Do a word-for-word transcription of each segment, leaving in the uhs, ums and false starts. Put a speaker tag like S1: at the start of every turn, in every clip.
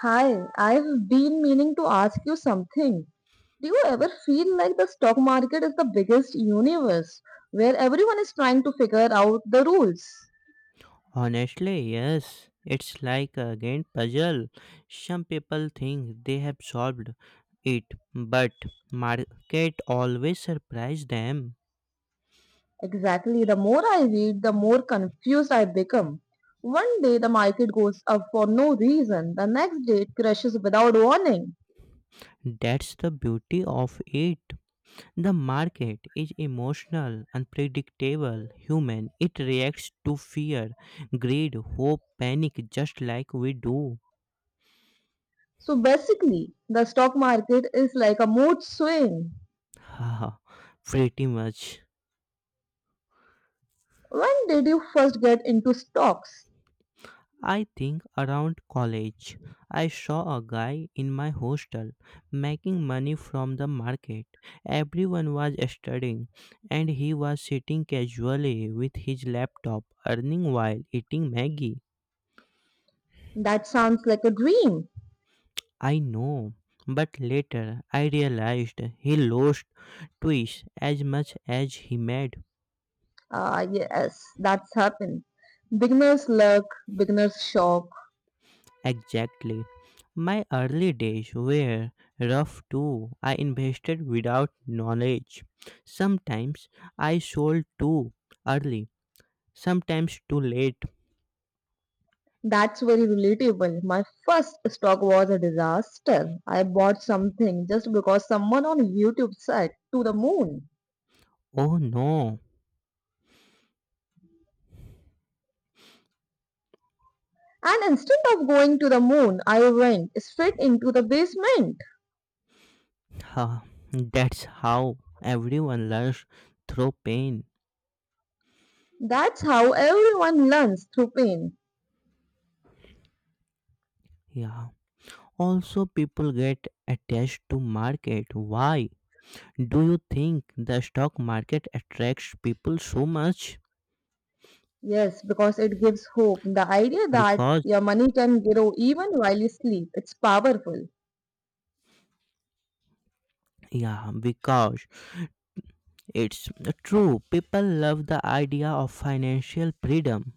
S1: Hi, I've been meaning to ask you something. Do you ever feel like the stock market is the biggest universe where everyone is trying to figure out the rules?
S2: Honestly, yes. It's like a game puzzle. Some people think they have solved it, but market always surprise them.
S1: Exactly, the more I read, the more confused I become. One day the market goes up for no reason, the next day it crashes without warning.
S2: That's the beauty of it. The market is emotional, unpredictable, human. It reacts to fear, greed, hope, panic just like we do.
S1: So basically, the stock market is like a mood swing.
S2: Haha, pretty much.
S1: When did you first get into stocks?
S2: I think around college, I saw a guy in my hostel making money from the market. Everyone was studying, and he was sitting casually with his laptop, earning while eating Maggie.
S1: That sounds like a dream.
S2: I know, but later I realized he lost twice as much as he made.
S1: Ah, yes, that's happened. Beginner's luck, beginner's shock.
S2: Exactly. My early days were rough too. I invested without knowledge. Sometimes I sold too early, sometimes too late.
S1: That's very relatable. My first stock was a disaster. I bought something just because someone on YouTube said to the moon.
S2: Oh no.
S1: And instead of going to the moon, I went straight into the basement.
S2: Huh. That's how everyone learns through pain.
S1: That's how everyone learns through pain.
S2: Yeah. Also, people get attached to market. Why do you think the stock market attracts people so much?
S1: Yes, because it gives hope. The idea that
S2: Because
S1: your money can grow even while you sleep, it's powerful.
S2: yeah, because it's true, people love the idea of financial freedom,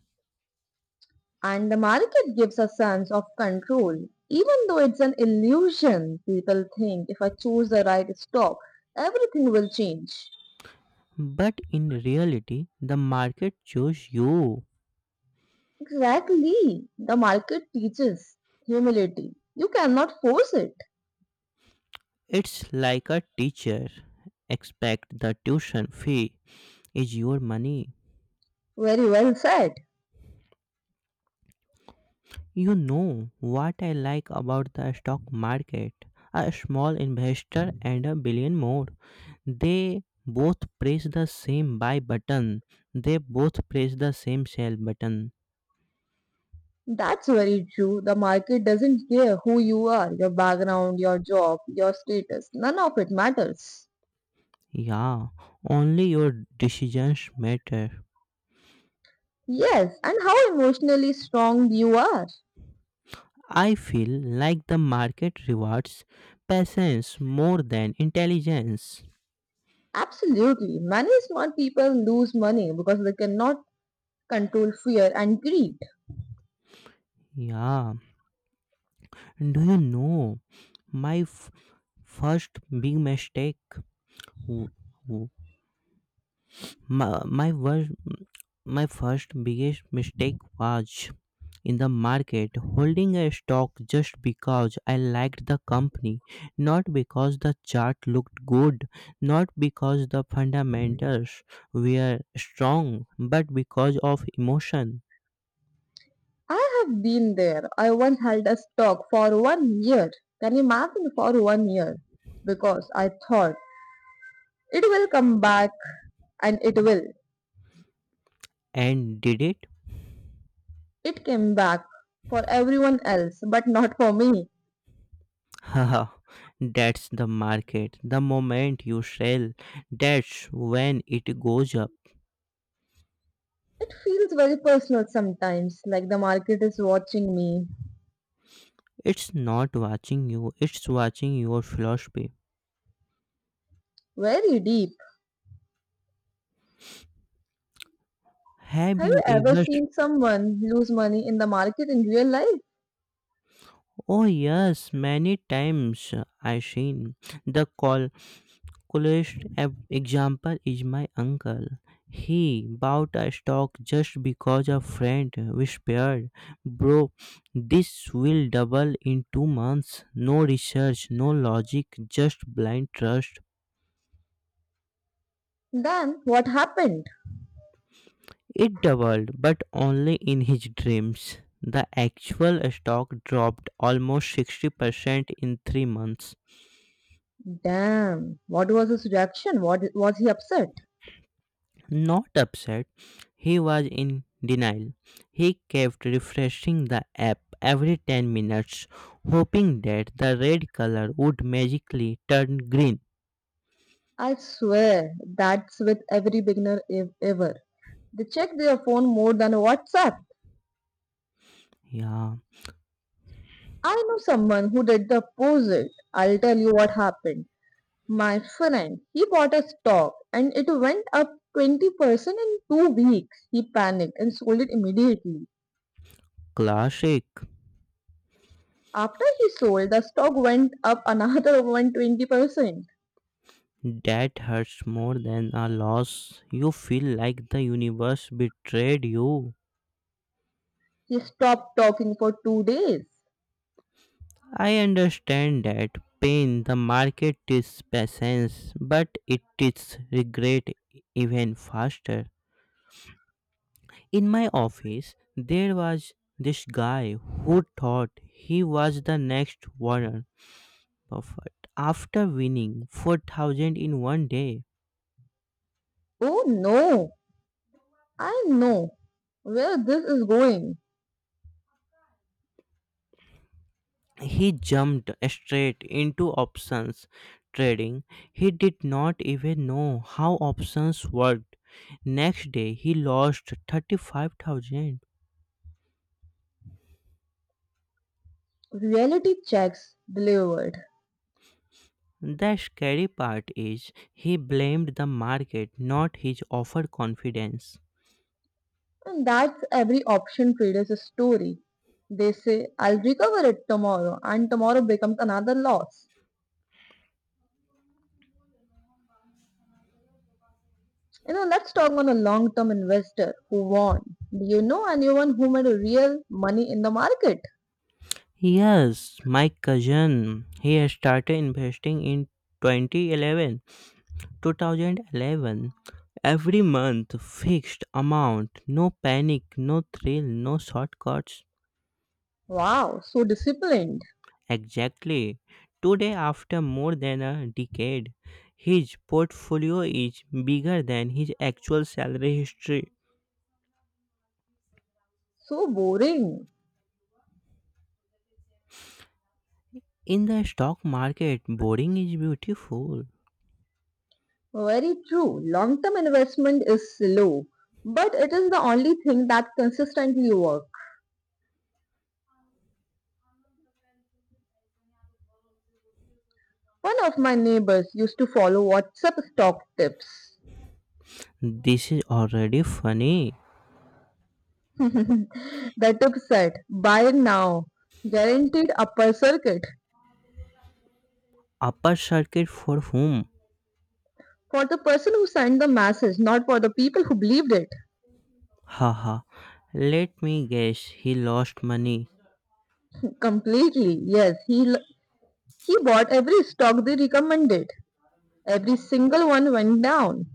S1: And the market gives a sense of control. Even though it's an illusion, people think if I choose the right stock, everything will change.
S2: but in reality, the market chose you.
S1: Exactly. The market teaches humility. You cannot force it.
S2: It's like a teacher. Expect the tuition fee is your money.
S1: Very well said.
S2: You know what I like about the stock market. A small investor and a billion more. They both press the same buy button. They both press the same sell button.
S1: That's very true. The market doesn't care who you are, your background, your job, your status. None of it matters.
S2: Yeah, only your decisions matter.
S1: Yes, and how emotionally strong you are.
S2: I feel like the market rewards patience more than intelligence.
S1: Absolutely. Many smart people lose money because they cannot control fear and greed.
S2: Yeah, do you know my f- first big mistake w- My, my, wor- my first biggest mistake was in the market, holding a stock just because I liked the company, not because the chart looked good, not because the fundamentals were strong, but because of emotion.
S1: I have been there. I once held a stock for one year. Can you imagine for one year? Because I thought it will come back and it will.
S2: And did it?
S1: It came back for everyone else, but not for me.
S2: Haha, that's the market. The moment you sell, that's when it goes up.
S1: It feels very personal sometimes, like the market is watching me.
S2: It's not watching you, it's watching your philosophy.
S1: Very deep.
S2: Have
S1: Have you
S2: you
S1: ever
S2: ever? Sh-
S1: seen someone lose money in the market in real life?
S2: Oh yes, many times. uh, I seen the col- coolest ab- example is my uncle. He bought a stock just because a friend whispered, "Bro, this will double in two months." No research, no logic, just blind trust.
S1: Then what happened?
S2: It doubled, but only in his dreams. The actual stock dropped almost sixty percent in three months.
S1: Damn. What was his reaction? What was he upset?
S2: Not upset, he was in denial. He kept refreshing the app every ten minutes, hoping that the red color would magically turn green.
S1: I swear that's with every beginner ev- ever. They check their phone more than WhatsApp.
S2: Yeah,
S1: I know someone who did the opposite. I'll tell you what happened. My friend, he bought a stock and it went up twenty percent in two weeks. He panicked and sold it immediately.
S2: classic.
S1: After he sold, the stock went up another one hundred twenty percent.
S2: That hurts more than a loss. You feel like the universe betrayed you.
S1: He stopped talking for two days.
S2: I understand that pain. The market is patience, but it is regret even faster. In my office, there was this guy who thought he was the next Warren Buffett. After winning four thousand in one day,
S1: Oh no, I know where this is going.
S2: he jumped straight into options trading. He did not even know how options worked. Next day, he lost thirty-five thousand.
S1: Reality checks delivered.
S2: The scary part is he blamed the market, not his overconfidence.
S1: And that's every option trader's story. They say, I'll recover it tomorrow, and tomorrow becomes another loss. You know, let's talk on a long term investor who won. Do you know anyone who made real money in the market?
S2: Yes, my cousin, he has started investing in two thousand eleven 2011. Every month, fixed amount, no panic, no thrill, no shortcuts.
S1: Wow, so disciplined,
S2: Exactly. Today, after more than a decade, his portfolio is bigger than his actual salary history.
S1: so boring.
S2: In the stock market, boring is beautiful.
S1: Very true. Long term investment is slow, but it is the only thing that consistently works. One of my neighbors used to follow WhatsApp stock tips.
S2: This is already funny.
S1: The tip said, buy now. Guaranteed upper circuit.
S2: Upper circuit for whom?
S1: For the person who sent the message, not for the people who believed it.
S2: Haha, let me guess, he lost money.
S1: Completely, yes. He, l- he bought every stock they recommended. Every single one went down.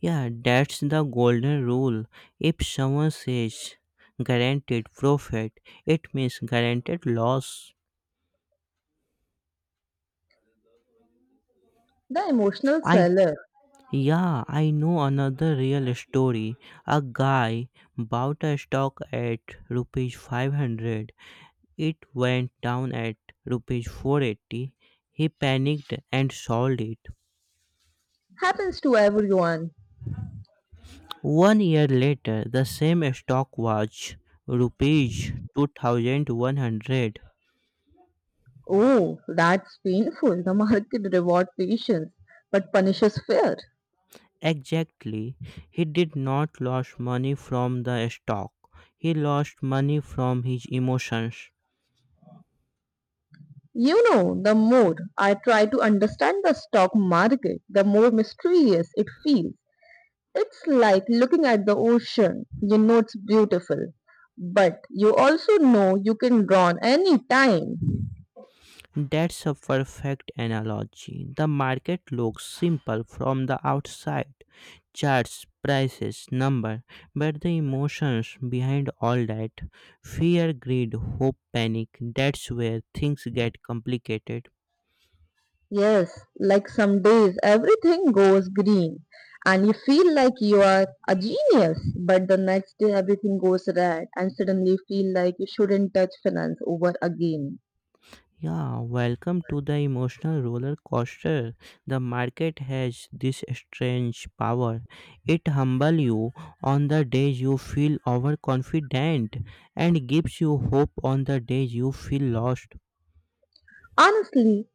S2: Yeah, that's the golden rule. If someone says guaranteed profit, it means guaranteed loss.
S1: The emotional
S2: I
S1: seller.
S2: yeah, I know another real story. A guy bought a stock at rupees five hundred. It went down at rupees four hundred eighty. He panicked and sold it.
S1: Happens to everyone.
S2: One year later, the same stock was rupees two thousand one hundred.
S1: Oh, that's painful. The market rewards patience, but punishes fear.
S2: Exactly. He did not lose money from the stock. He lost money from his emotions.
S1: You know, the more I try to understand the stock market, the more mysterious it feels. It's like looking at the ocean. You know it's beautiful, but you also know you can drown any time.
S2: That's a perfect analogy. The market looks simple from the outside. Charts, prices, number, but the emotions behind all that, fear, greed, hope, panic, that's where things get complicated.
S1: Yes, like some days everything goes green and you feel like you are a genius, but the next day everything goes red and suddenly you feel like you shouldn't touch finance over again.
S2: Yeah, welcome to the emotional roller coaster. The market has this strange power. It humbles you on the days you feel overconfident and gives you hope on the days you feel lost.
S1: Honestly,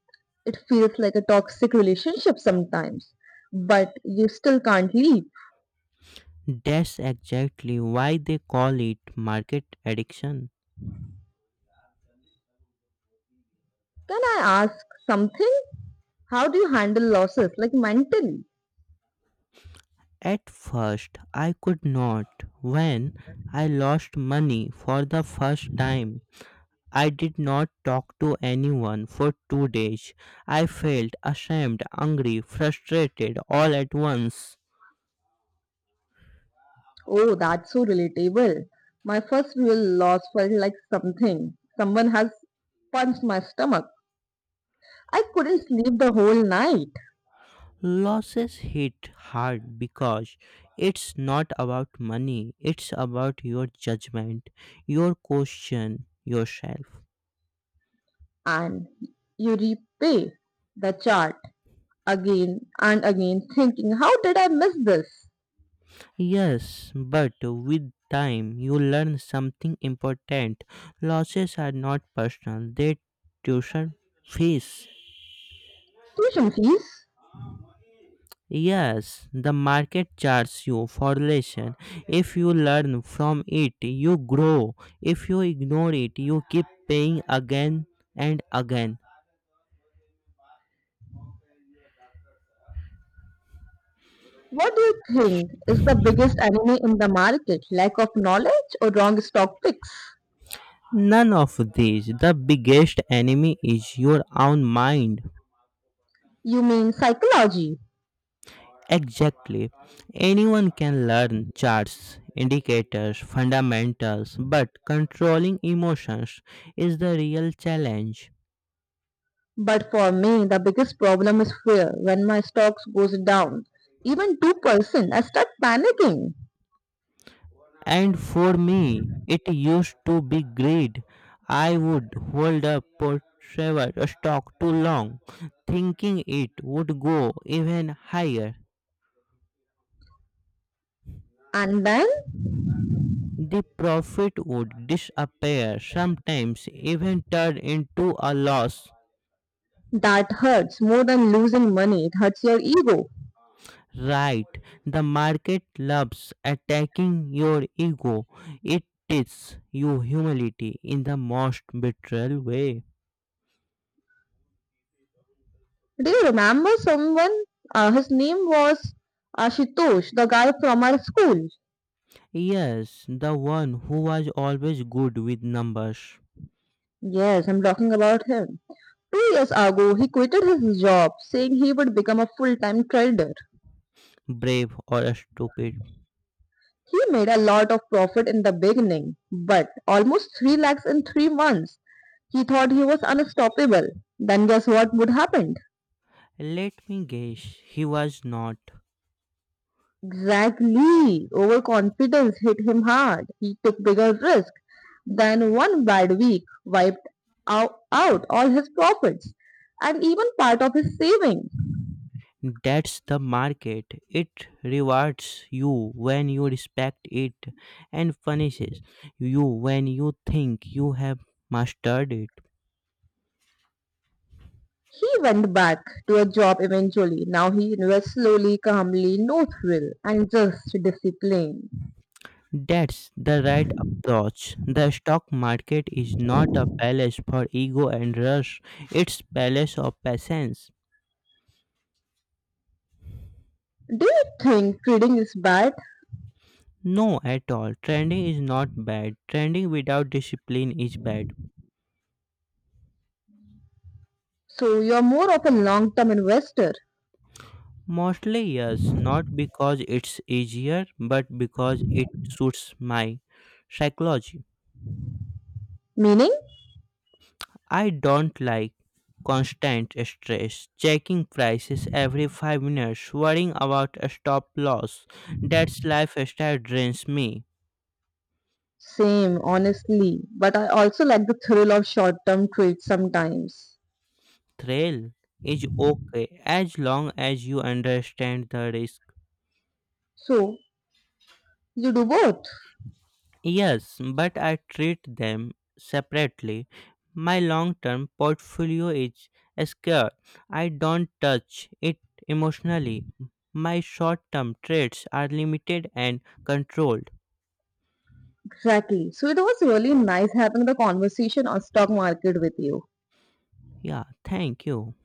S1: it feels like a toxic relationship sometimes, but you still can't leave.
S2: That's exactly why they call it market addiction.
S1: Can I ask something? How do you handle losses, like mentally?
S2: At first, I could not. When I lost money for the first time, I did not talk to anyone for two days. I felt ashamed, angry, frustrated all at once.
S1: Oh, that's so relatable. My first real loss felt like something. Someone has punched my stomach. I couldn't sleep the whole night.
S2: Losses hit hard because it's not about money, it's about your judgment, your question yourself.
S1: And you repay the chart again and again, thinking, how did I miss this?
S2: Yes, but with time you learn something important. Losses are not personal, they tuition fees.
S1: Tuition fees.
S2: Yes, the market charts you for lesson. If you learn from it, you grow. If you ignore it, you keep paying again and again.
S1: What do you think is the biggest enemy in the market? Lack of knowledge or wrong stock picks?
S2: None of these. The biggest enemy is your own mind.
S1: You mean psychology?
S2: Exactly. Anyone can learn charts, indicators, fundamentals, but controlling emotions is the real challenge.
S1: But for me, the biggest problem is fear. When my stocks goes down, even two percent, I start panicking.
S2: And for me, it used to be greed. I would hold up for stock too long, thinking it would go even higher.
S1: And then
S2: The profit would disappear, sometimes even turn into a loss.
S1: that hurts more than losing money. It hurts your ego.
S2: Right, the market loves attacking your ego. It teaches you humility in the most betrayal way.
S1: Do you remember someone? Uh, his name was Ashitosh, the guy from our school.
S2: Yes, the one who was always good with numbers.
S1: Yes, I'm talking about him. Two years ago, he quitted his job, saying he would become a full-time trader.
S2: Brave or stupid.
S1: He made a lot of profit in the beginning, but almost three lakhs in three months. He thought he was unstoppable. Then guess what would happen?
S2: Let me guess, he was not.
S1: Exactly. Overconfidence hit him hard. He took bigger risks. Then one bad week wiped out, out all his profits and even part of his savings.
S2: That's the market. It rewards you when you respect it and punishes you when you think you have mastered it.
S1: He went back to a job eventually. Now he invests slowly, calmly, no thrill, and just discipline.
S2: That's the right approach. The stock market is not a palace for ego and rush. It's palace of patience.
S1: Do you think trading is bad?
S2: No at all. Trending is not bad. Trending without discipline is bad.
S1: So you're more of a long-term investor,
S2: Mostly, yes, not because it's easier, but because it suits my psychology.
S1: meaning
S2: I don't like constant stress, checking prices every five minutes, worrying about a stop loss. That's lifestyle drains me.
S1: same, honestly. But I also like the thrill of short term trades sometimes.
S2: Thrill is okay as long as you understand the risk.
S1: So, you do both.
S2: Yes, but I treat them separately. My long term portfolio is secure. I don't touch it emotionally. My short term trades are limited and controlled.
S1: Exactly. So, it was really nice having the conversation on stock market with you.
S2: Yeah, thank you.